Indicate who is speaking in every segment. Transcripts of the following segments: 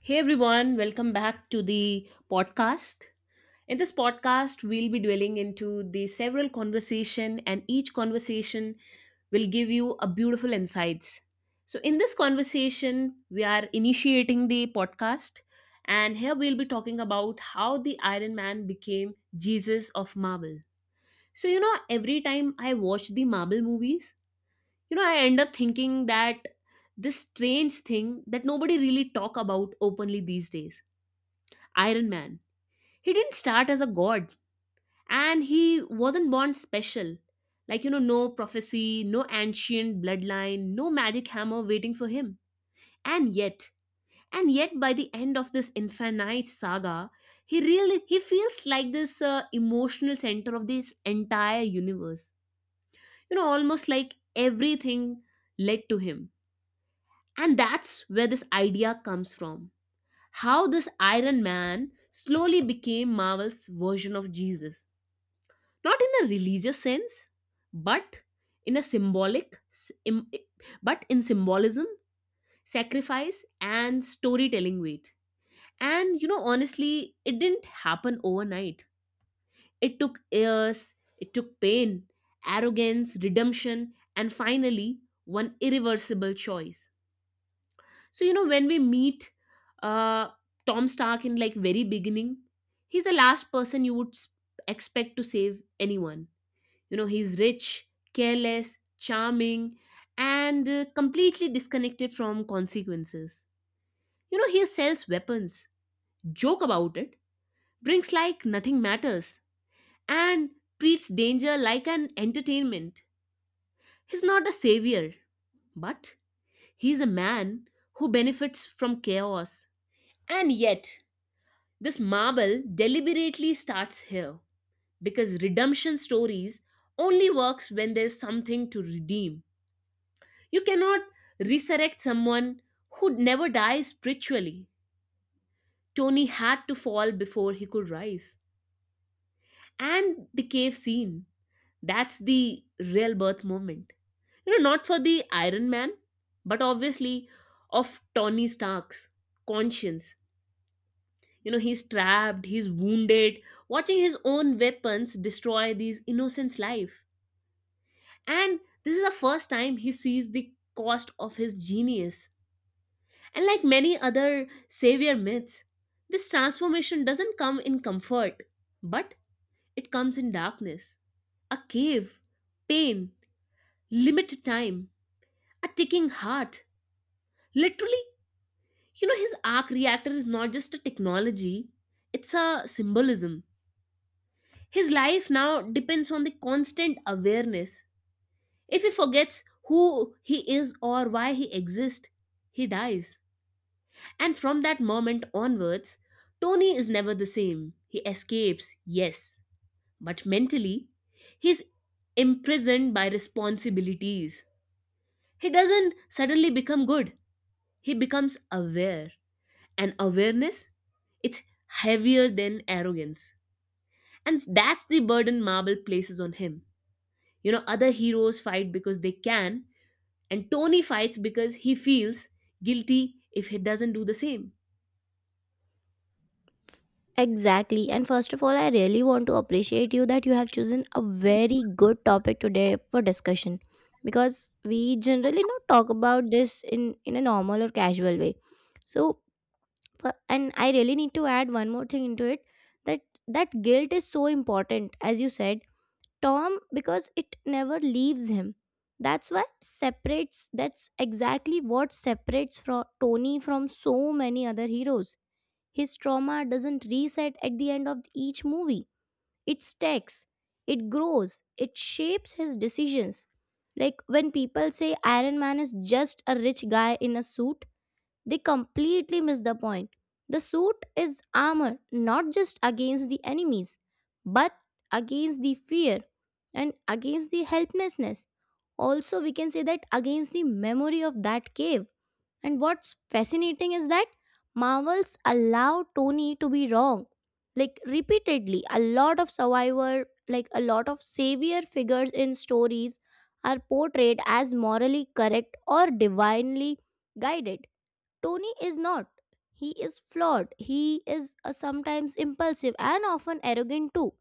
Speaker 1: Hey everyone, welcome back to the podcast. In this podcast, we'll be dwelling into the several conversation and each conversation will give you a beautiful insights. So in this conversation, we are initiating the podcast and here we'll be talking about how the Iron Man became Jesus of Marvel. So every time I watch the Marvel movies, I end up thinking that this strange thing that nobody really talk about openly these days Iron Man. He didn't start as a god and he wasn't born special. Like, no prophecy, no ancient bloodline, no magic hammer waiting for him. And yet, and yet, by the end of this infinite saga, he feels like this emotional center of this entire universe. Almost like everything led to him. And that's where this idea comes from. How this Iron Man slowly became Marvel's version of Jesus. Not in a religious sense, but in a symbolic s- im- I- but in symbolism, sacrifice, and storytelling weight. And honestly, it didn't happen overnight. It took years, it took pain, arrogance, redemption, and finally one irreversible choice. So when we meet uh Tom Stark in like very beginning, he's the last person you would expect to save anyone. He's rich, careless, charming, and completely disconnected from consequences. He sells weapons, joke about it, brings like nothing matters, and treats danger like an entertainment. He's not a savior, but he's a man who benefits from chaos. And yet, this marble deliberately starts here because redemption stories only works when there's something to redeem. You cannot resurrect someone who never dies spiritually. Tony had to fall before he could rise. And the cave scene, that's the real birth moment. Not for the Iron Man, but obviously of Tony Stark's conscience. He's trapped, he's wounded, watching his own weapons destroy these innocents' life. And this is the first time he sees the cost of his genius. And like many other savior myths, this transformation doesn't come in comfort, but it comes in darkness. A cave, pain, limited time, a ticking heart. Literally, his arc reactor is not just a technology, it's a symbolism. His life now depends on the constant awareness. If he forgets who he is or why he exists, he dies. And from that moment onwards, Tony is never the same. He escapes, yes, but mentally, he's imprisoned by responsibilities. He doesn't suddenly become good, he becomes aware. And awareness, it's heavier than arrogance. And that's the burden Marble places on him. Other heroes fight because they can, and Tony fights because he feels guilty if he doesn't do the same.
Speaker 2: Exactly. And first of all, I really want to appreciate you that you have chosen a very good topic today for discussion because we generally not talk about this in a normal or casual way. So, and I really need to add one more thing into it that guilt is so important as you said, Tom, because it never leaves him. That's exactly what separates from Tony from so many other heroes. His trauma doesn't reset at the end of each movie. It stacks, it grows, it shapes his decisions. Like when people say Iron Man is just a rich guy in a suit, they completely miss the point. The suit is armor, not just against the enemies, but against the fear and against the helplessness. Also, we can say that against the memory of that cave. And what's fascinating is that Marvels allow Tony to be wrong. Like repeatedly, a lot of savior figures in stories are portrayed as morally correct or divinely guided. Tony is not. He is flawed. He is sometimes impulsive and often arrogant too.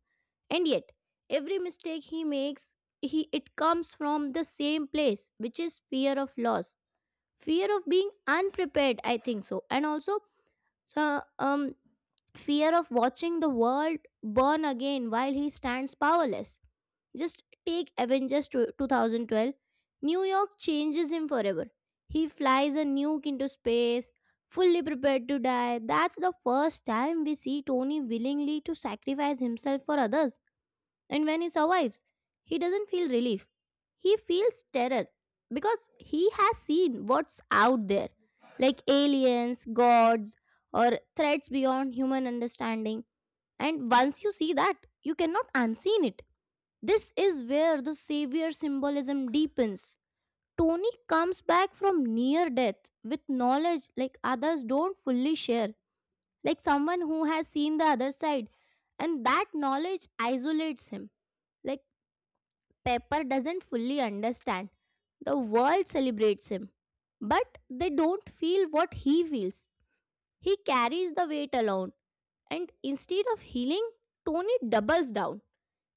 Speaker 2: And yet, every mistake he makes, he it comes from the same place, which is fear of loss, fear of being unprepared, I think so, and also so um fear of watching the world burn again while he stands powerless. Just take Avengers 2012. New York changes him forever. He flies a nuke into space fully prepared to die. That's the first time we see Tony willingly to sacrifice himself for others. And when he survives, he doesn't feel relief. He feels terror because he has seen what's out there, like aliens, gods, or threats beyond human understanding. And once you see that, you cannot unseen it. This is where the savior symbolism deepens. Tony comes back from near death with knowledge like others don't fully share, like someone who has seen the other side, and that knowledge isolates him. Like Pepper doesn't fully understand. The world celebrates him, but they don't feel what he feels. He carries the weight alone, and instead of healing, Tony doubles down.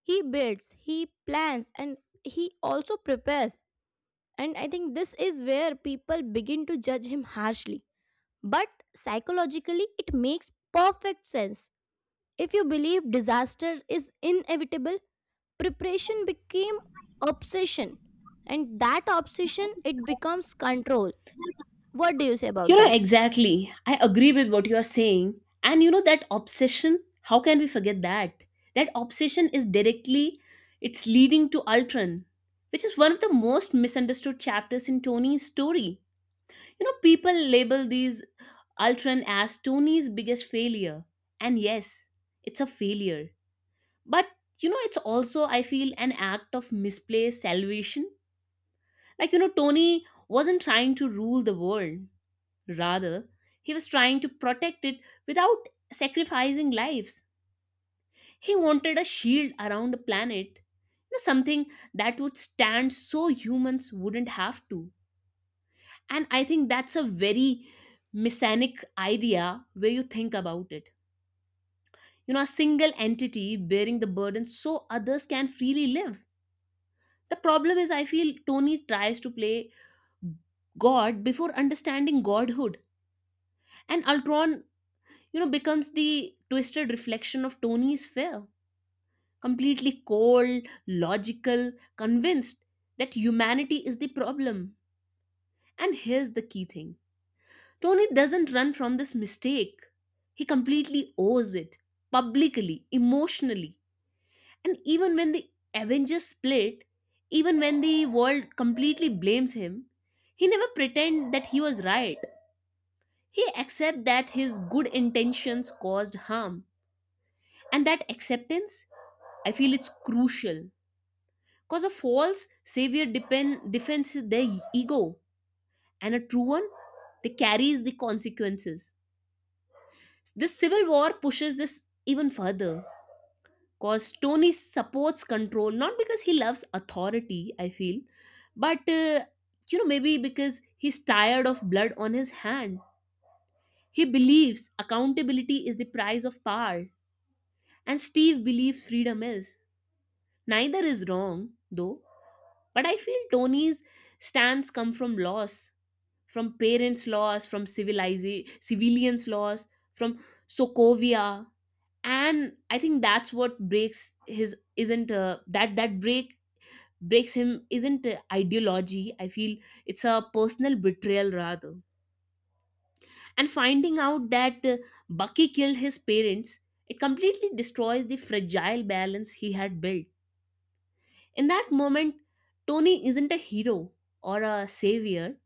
Speaker 2: He builds, he plans, and he also prepares. And I think this is where people begin to judge him harshly. But psychologically, it makes perfect sense. If you believe disaster is inevitable, preparation became obsession, and that obsession it becomes control. What do you say about
Speaker 1: You know,
Speaker 2: that?
Speaker 1: exactly. I agree with what you are saying. And that obsession, how can we forget that? That obsession is directly, it's leading to Ultron, which is one of the most misunderstood chapters in Tony's story. People label these Ultron as Tony's biggest failure. And yes, it's a failure. But, it's also, I feel, an act of misplaced salvation. Like, Tony wasn't trying to rule the world. Rather, he was trying to protect it without sacrificing lives. He wanted a shield around the planet, something that would stand so humans wouldn't have to. And I think that's a very messianic idea where you think about it. A single entity bearing the burden so others can freely live. The problem is, I feel Tony tries to play God before understanding godhood. And Ultron becomes the twisted reflection of Tony's fear. Completely cold, logical, convinced that humanity is the problem. And here's the key thing: Tony doesn't run from this mistake, he completely owes it publicly, emotionally. And even when the Avengers split, even when the world completely blames him, he never pretend that he was right. He accept that his good intentions caused harm. And that acceptance, I feel, it's crucial because a false savior depend defends their ego, and a true one, they carries the consequences. This civil war pushes this even further because Tony supports control not because he loves authority. I feel, but maybe because he's tired of blood on his hand. He believes accountability is the price of power, and Steve believes freedom is. Neither is wrong though. But I feel Tony's stance come from loss, from parents' loss, from civilians' loss, from Sokovia, and I think that's what breaks his isn't that breaks him isn't ideology. I feel it's a personal betrayal rather. And finding out that Bucky killed his parents, it completely destroys the fragile balance he had built. In that moment, Tony isn't a hero or a savior,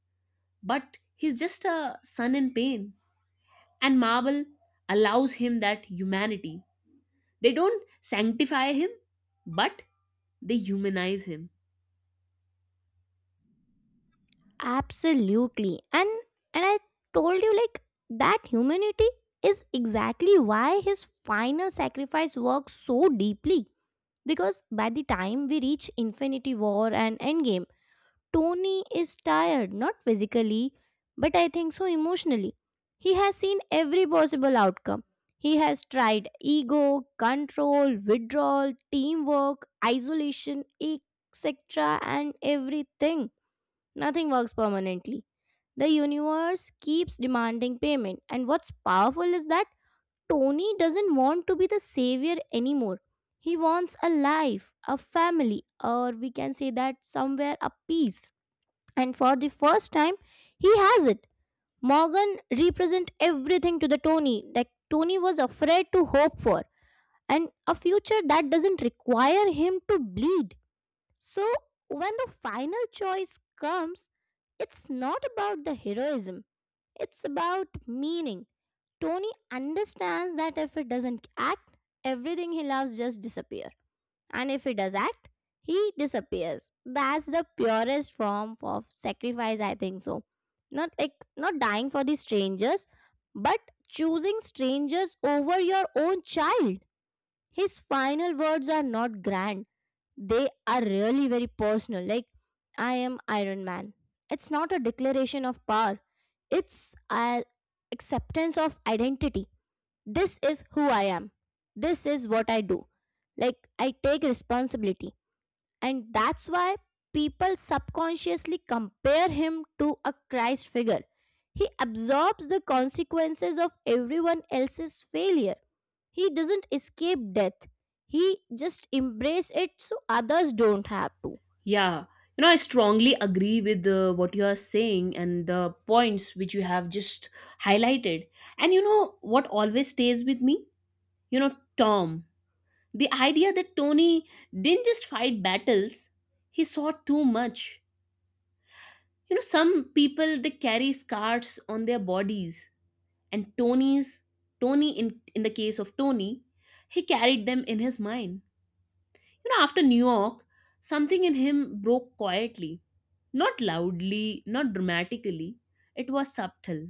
Speaker 1: but he's just a son in pain. And Marvel allows him that humanity. They don't sanctify him, but they humanize him.
Speaker 2: Absolutely. And I told you like that humanity is exactly why his final sacrifice works so deeply, because by the time we reach Infinity War and Endgame, Tony is tired, not physically, but I think so emotionally. He has seen every possible outcome. He has tried ego, control, withdrawal, teamwork, isolation, etc., and everything. Nothing works permanently. The universe keeps demanding payment, and what's powerful is that Tony doesn't want to be the savior anymore. He wants a life, a family, or we can say that somewhere a peace. And for the first time, he has it. Morgan represent everything to the tony that Tony was afraid to hope for, and a future that doesn't require him to bleed. So when the final choice comes, it's not about the heroism, it's about meaning. Tony understands that if he doesn't act, everything he loves just disappear. And if he does act, he disappears. That's the purest form of sacrifice, I think so. Not like not dying for the strangers, but choosing strangers over your own child. His final words are not grand. They are really very personal. Like, I am Iron Man. It's not a declaration of power. It's a acceptance of identity. This is who I am. This is what I do. Like I take responsibility. And that's why people subconsciously compare him to a Christ figure. He absorbs the consequences of everyone else's failure. He doesn't escape death. He just embraces it so others don't have to.
Speaker 1: Yeah, I strongly agree with what you are saying and the points which you have just highlighted. And you know what always stays with me? You know, Tom. The idea that Tony didn't just fight battles, he saw too much. Some people they carry scars on their bodies. And Tony's Tony in the case of Tony, he carried them in his mind. After New York, something in him broke quietly, not loudly, not dramatically. It was subtle.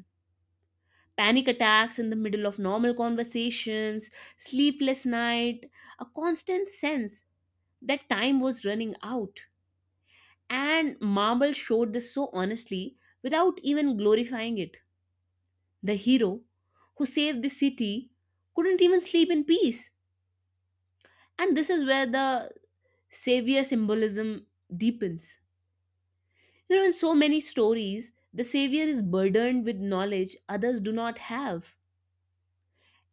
Speaker 1: Panic attacks in the middle of normal conversations, sleepless night, a constant sense that time was running out. And Marble showed this so honestly without even glorifying it. The hero who saved the city couldn't even sleep in peace. And this is where the savior symbolism deepens. In so many stories, the savior is burdened with knowledge others do not have.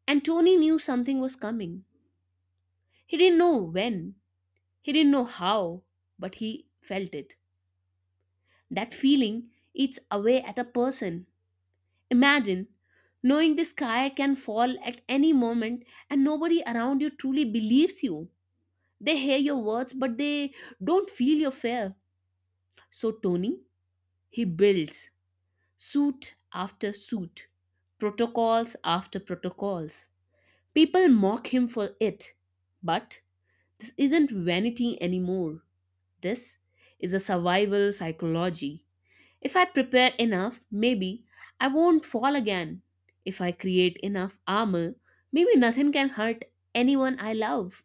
Speaker 1: And Tony knew something was coming. He didn't know when, he didn't know how, but he felt it. That feeling eats away at a person. Imagine knowing the sky can fall at any moment and nobody around you truly believes you. They hear your words, but they don't feel your fear. So Tony, he builds suit after suit, protocols after protocols. People mock him for it. But this isn't vanity anymore. This is a survival psychology. If I prepare enough, maybe I won't fall again. If I create enough armor, maybe nothing can hurt anyone I love.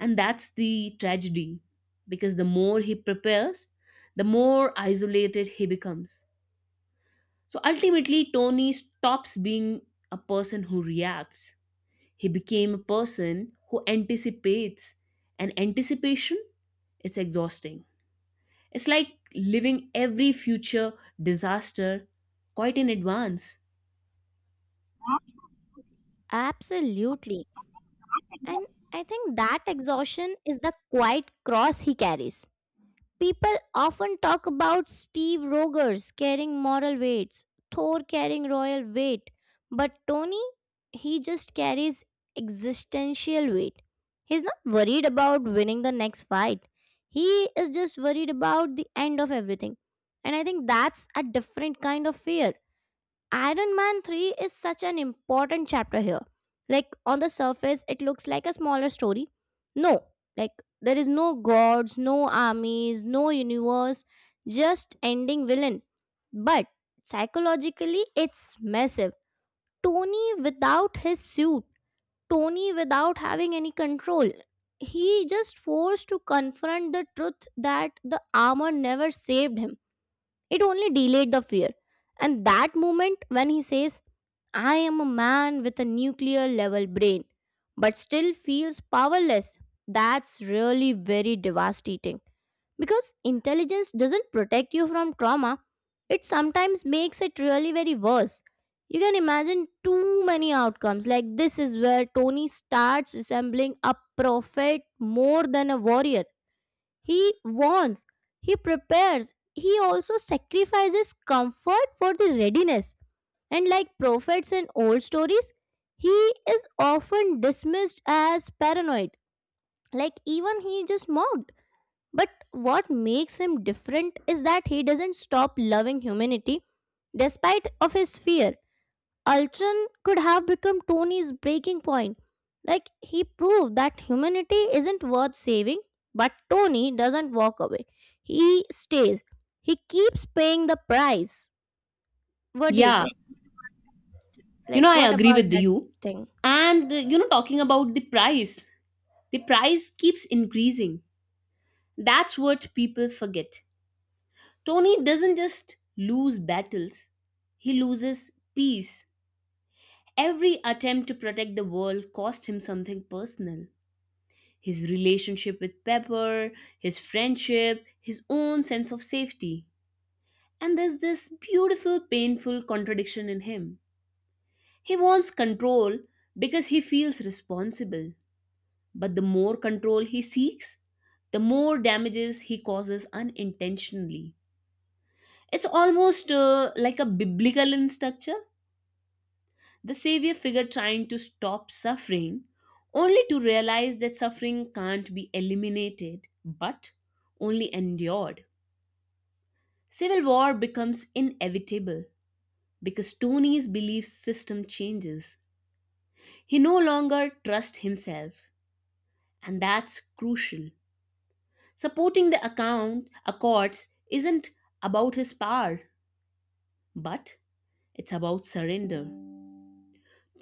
Speaker 1: And that's the tragedy because the more he prepares, the more isolated he becomes. So ultimately, Tony stops being a person who reacts. He became a person who anticipates, and anticipation is exhausting. It's like living every future disaster quite in advance.
Speaker 2: Absolutely. And I think that exhaustion is the quiet cross he carries. People often talk about Steve Rogers carrying moral weights, Thor carrying royal weight, but Tony, he just carries existential weight. He's not worried about winning the next fight. He is just worried about the end of everything. And I think that's a different kind of fear. Iron Man 3 is such an important chapter here. Like, on the surface, it looks like a smaller story. No, like, there is no gods, no armies, no universe, just ending villain. But psychologically, it's massive. Tony without his suit, Tony without having any control, he just forced to confront the truth that the armor never saved him, it only delayed the fear. And that moment when he says, I am a man with a nuclear level brain, but still feels powerless, that's really very devastating. Because intelligence doesn't protect you from trauma, it sometimes makes it really very worse. You can imagine too many outcomes. Like, this is where Tony starts resembling a prophet more than a warrior. He warns, he prepares, he also sacrifices comfort for the readiness. And like prophets in old stories, he is often dismissed as paranoid. Like even he just mocked. But what makes him different is that he doesn't stop loving humanity despite of his fear. Ultron could have become Tony's breaking point. Like, he proved that humanity isn't worth saving, but Tony doesn't walk away. He stays. He keeps paying the price. What do you
Speaker 1: Yeah,
Speaker 2: say? Like,
Speaker 1: I
Speaker 2: what
Speaker 1: agree
Speaker 2: about
Speaker 1: with
Speaker 2: that
Speaker 1: you.
Speaker 2: thing?
Speaker 1: And, talking about the price keeps increasing. That's what people forget. Tony doesn't just lose battles, he loses peace. Every attempt to protect the world cost him something personal. His relationship with Pepper, his friendship, his own sense of safety. And there's this beautiful, painful contradiction in him. He wants control because he feels responsible. But the more control he seeks, the more damages he causes unintentionally. It's almost like a biblical in structure. The savior figure trying to stop suffering, only to realize that suffering can't be eliminated, but only endured. Civil war becomes inevitable because Tony's belief system changes. He no longer trusts himself, and that's crucial. Supporting the account accords isn't about his power, but it's about surrender.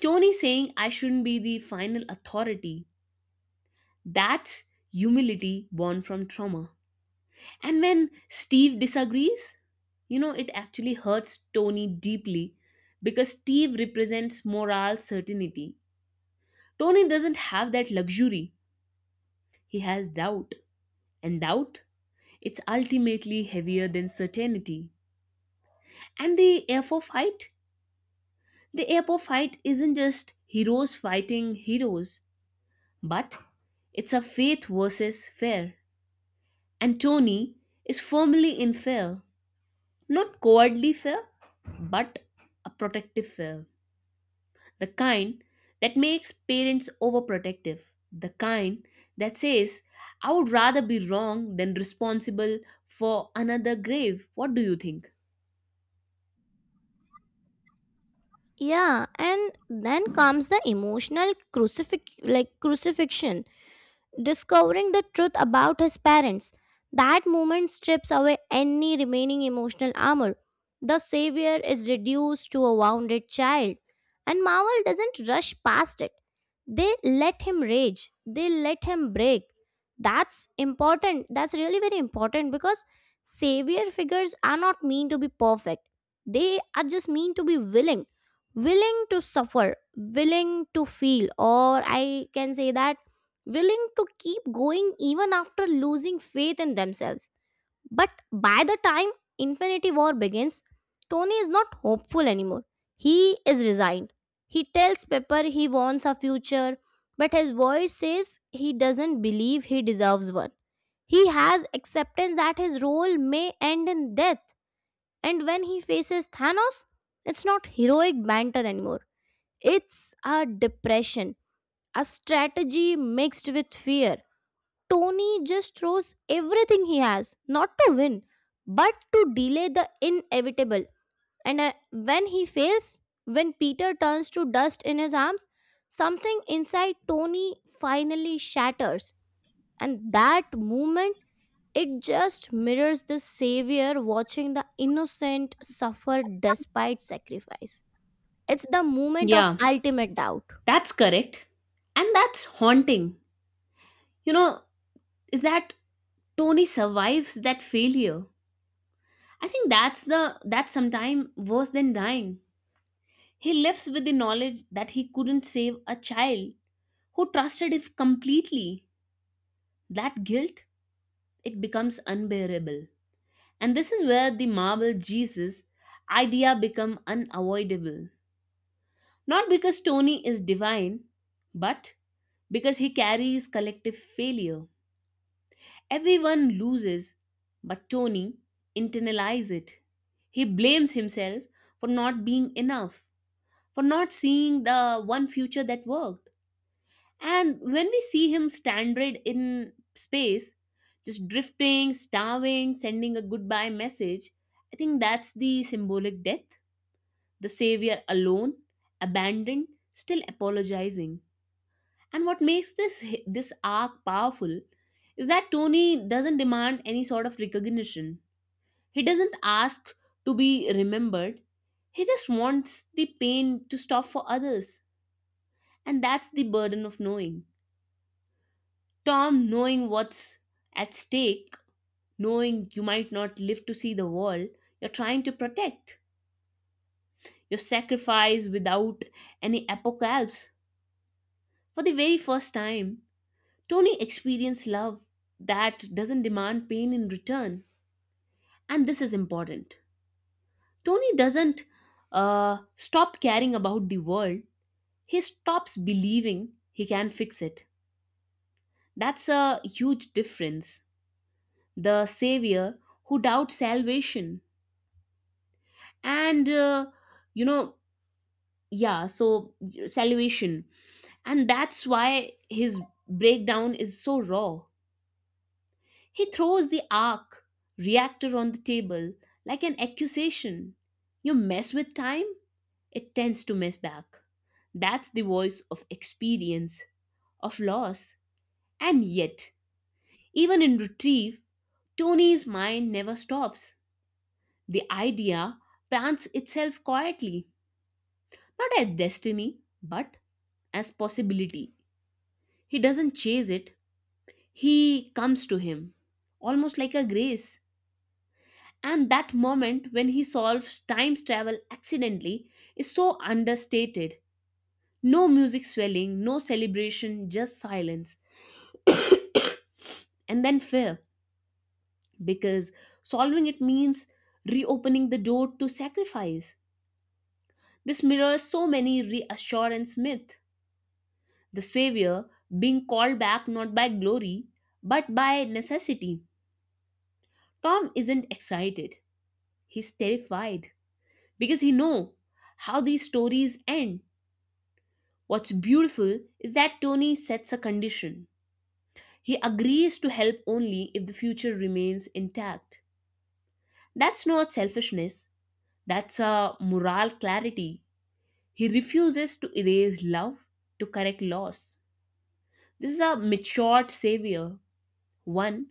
Speaker 1: Tony saying I shouldn't be the final authority. That's humility born from trauma. And when Steve disagrees, it actually hurts Tony deeply because Steve represents moral certainty. Tony doesn't have that luxury. He has doubt. And doubt, it's ultimately heavier than certainty. And the airport fight? The airport fight isn't just heroes fighting heroes, but it's a faith versus fear. And Tony is firmly in fear. Not cowardly fear, but a protective fear. The kind that makes parents overprotective. The kind that says, I would rather be wrong than responsible for another grave. What do you think?
Speaker 2: Yeah, and then comes the emotional crucifixion, discovering the truth about his parents. That moment strips away any remaining emotional armor. The savior is reduced to a wounded child, and Marvel doesn't rush past it. They let him rage, they let him break. That's important. That's really very important because savior figures are not mean to be perfect, they are just mean to be willing to suffer, willing to feel, or I can say that willing to keep going even after losing faith in themselves. But by the time Infinity War begins, Tony is not hopeful anymore. He is resigned. He tells Pepper he wants a future, but his voice says he doesn't believe he deserves one. He has acceptance that his role may end in death. And when he faces Thanos, it's not heroic banter anymore. It's a depression, a strategy mixed with fear. Tony just throws everything he has, not to win, but to delay the inevitable. And when he fails, when Peter turns to dust in his arms, something inside Tony finally shatters. And that moment, it just mirrors the Savior watching the innocent suffer despite sacrifice. It's the moment of
Speaker 1: Yeah,
Speaker 2: ultimate doubt.
Speaker 1: that's correct. And that's haunting. You know, is that Tony survives that failure. I think that's sometime worse than dying. He lives with the knowledge that he couldn't save a child who trusted him completely. That guilt, it becomes unbearable. And this is where the marble Jesus idea become unavoidable. Not because Tony is divine, but because he carries collective failure. Everyone loses, but Tony internalizes it. He blames himself for not being enough, for not seeing the one future that worked. And when we see him stranded in space, just drifting, starving, sending a goodbye message, I think that's the symbolic death. The savior alone, abandoned, still apologizing. And what makes this arc powerful is that Tony doesn't demand any sort of recognition. He doesn't ask to be remembered. He just wants the pain to stop for others. And that's the burden of knowing. Tom, knowing what's at stake, knowing you might not live to see the world you're trying to protect, your sacrifice without any apocalypse. For the very first time, Tony experienced love that doesn't demand pain in return. And this is important. Tony doesn't stop caring about the world, he stops believing he can fix it. That's a huge difference. The savior who doubts salvation and you know yeah, so salvation. And that's why his breakdown is so raw. He throws the arc reactor on the table like an accusation. You mess with time, it tends to mess back. That's the voice of experience, of loss. And yet, even in retrieve, Tony's mind never stops. The idea plants itself quietly, not at destiny but as possibility. He doesn't chase it, he comes to him, almost like a grace. And that moment when he solves time travel accidentally is so understated. No music swelling, no celebration, just silence. And then fear, because solving it means reopening the door to sacrifice. This mirrors so many reassurance myths. The savior being called back not by glory, but by necessity. Tom isn't excited. He's terrified because he know how these stories end. What's beautiful is that Tony sets a condition. He agrees to help only if the future remains intact. That's not selfishness, that's a moral clarity. He refuses to erase love, to correct loss. This is a matured savior, one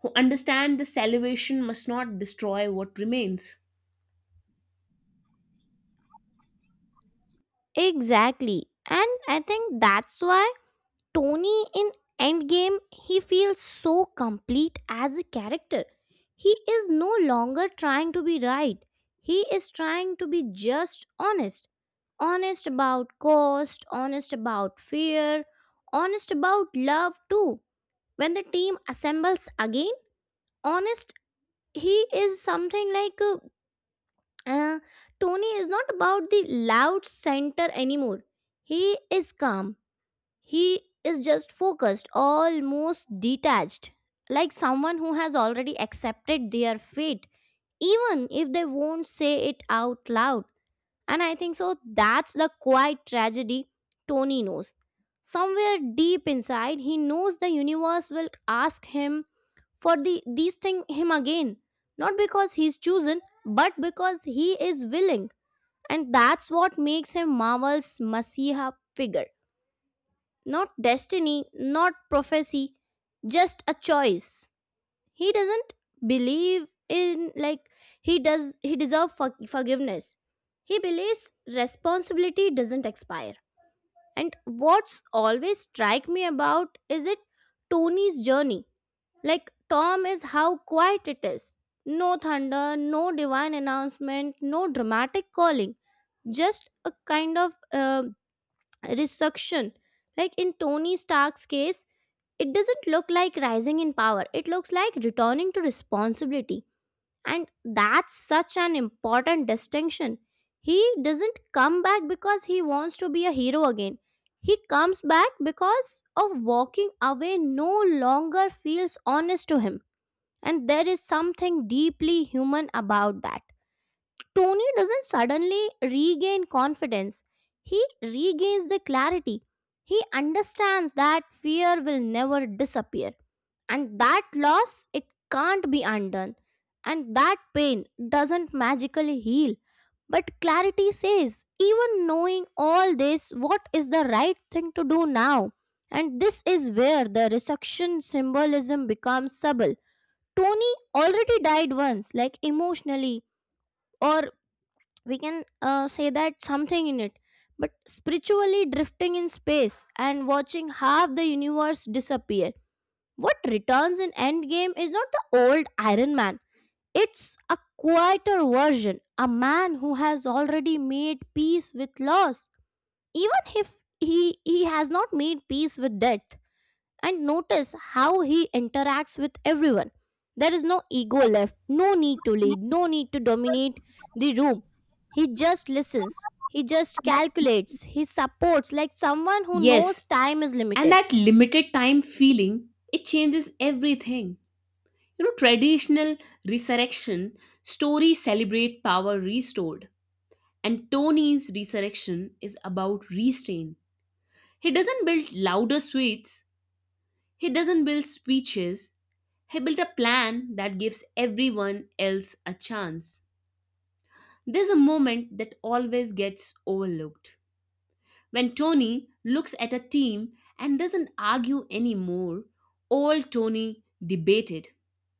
Speaker 1: who understands the salvation must not destroy what remains.
Speaker 2: Exactly. And I think that's why Tony in Endgame, he feels so complete as a character. He is no longer trying to be right. He is trying to be just honest. Honest about cost, honest about fear, honest about love too. When the team assembles again, honest, he is something like uh, Tony is not about the loud center anymore. He is calm, he is just focused, almost detached, like someone who has already accepted their fate, even if they won't say it out loud. And I think so that's the quiet tragedy. Tony knows. Somewhere deep inside, he knows the universe will ask him for the these thing him again. Not because he's chosen, but because he is willing. And that's what makes him Marvel's Messiah figure. Not destiny, not prophecy, just a choice. He doesn't believe in he does he deserve forgiveness. He believes responsibility doesn't expire. And what's always strike me about is it Tony's journey. Like Tom is how quiet it is. No thunder, no divine announcement, no dramatic calling. Just a kind of resurrection. Like in Tony Stark's case, it doesn't look like rising in power, it looks like returning to responsibility. And that's such an important distinction. He doesn't come back because he wants to be a hero again. He comes back because of walking away no longer feels honest to him. And there is something deeply human about that. Tony doesn't suddenly regain confidence, he regains the clarity. He understands that fear will never disappear, and that loss it can't be undone, and that pain doesn't magically heal, but clarity says even knowing all this, what is the right thing to do now? And this is where the resurrection symbolism becomes subtle. Tony already died once, like emotionally, or we can say that something in it, but spiritually drifting in space and watching half the universe disappear. What returns in Endgame is not the old Iron Man. It's a quieter version, a man who has already made peace with loss, even if he has not made peace with death. And notice how he interacts with everyone. There is no ego left, no need to lead, no need to dominate the room. He just listens, he just calculates, he supports like someone who
Speaker 1: Yes.
Speaker 2: knows time is
Speaker 1: And
Speaker 2: limited.
Speaker 1: that limited time feeling, it changes everything. Traditional resurrection stories celebrate power restored, and Tony's resurrection is about restraint. He doesn't build louder suites, he doesn't build speeches, he built a plan that gives everyone else a chance. There's a moment that always gets overlooked. When Tony looks at a team and doesn't argue anymore, old Tony debated.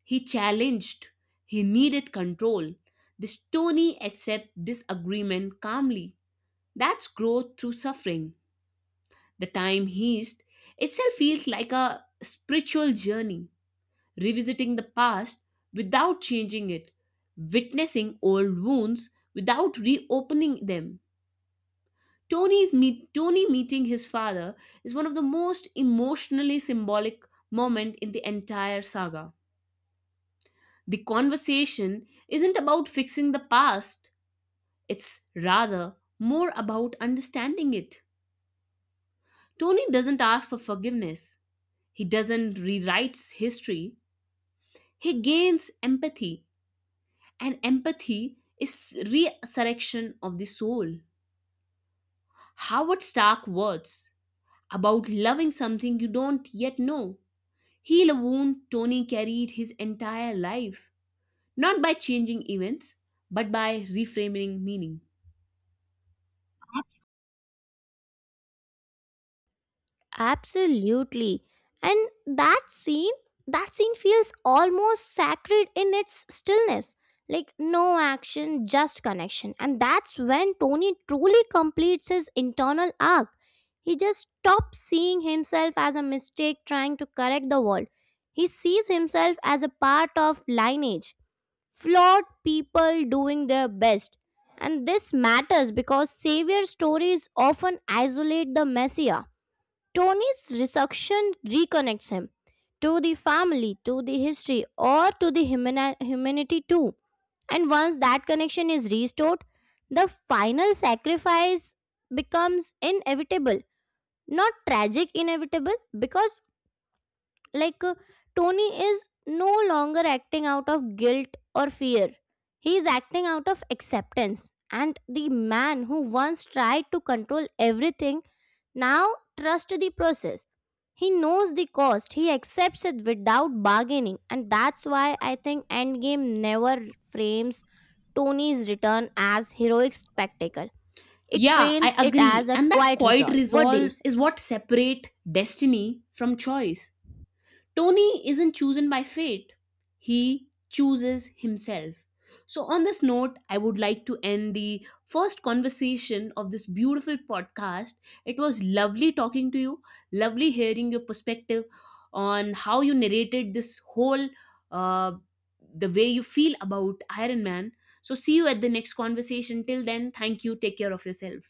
Speaker 1: He challenged. He needed control. This Tony accepts disagreement calmly. That's growth through suffering. The time heist itself feels like a spiritual journey, revisiting the past without changing it, witnessing old wounds without reopening them. Tony meeting his father is one of the most emotionally symbolic moment in the entire saga. The conversation isn't about fixing the past, it's rather more about understanding it. Tony doesn't ask for forgiveness. He doesn't rewrite history. He gains empathy, and empathy is resurrection of the soul. Howard Stark words about loving something you don't yet know heal a wound Tony carried his entire life, not by changing events, but by reframing meaning.
Speaker 2: Absolutely. And that scene feels almost sacred in its stillness. Like no action, just connection. And that's when Tony truly completes his internal arc. He just stops seeing himself as a mistake trying to correct the world. He sees himself as a part of lineage, flawed people doing their best. And this matters because savior stories often isolate the messiah. Tony's resurrection reconnects him to the family, to the history, or to the humanity too. And once that connection is restored, the final sacrifice becomes inevitable. Not tragic, inevitable, because like, uh, Tony is no longer acting out of guilt or fear. He is acting out of acceptance. And the man who once tried to control everything now trusts the process. He knows the cost. He accepts it without bargaining. And that's why I think Endgame never frames Tony's return as heroic spectacle. It
Speaker 1: Yeah, I
Speaker 2: frames it as
Speaker 1: agree.
Speaker 2: a
Speaker 1: And that
Speaker 2: quiet
Speaker 1: quiet
Speaker 2: resolve. What do you
Speaker 1: resolve
Speaker 2: say?
Speaker 1: is what separate destiny from choice. Tony isn't chosen by fate, he chooses himself. So, on this note, I would like to end the first conversation of this beautiful podcast. It was lovely talking to you, lovely hearing your perspective on how you narrated this whole, uh, the way you feel about Iron Man. So, see you at the next conversation. Till then, thank you. Take care of yourself.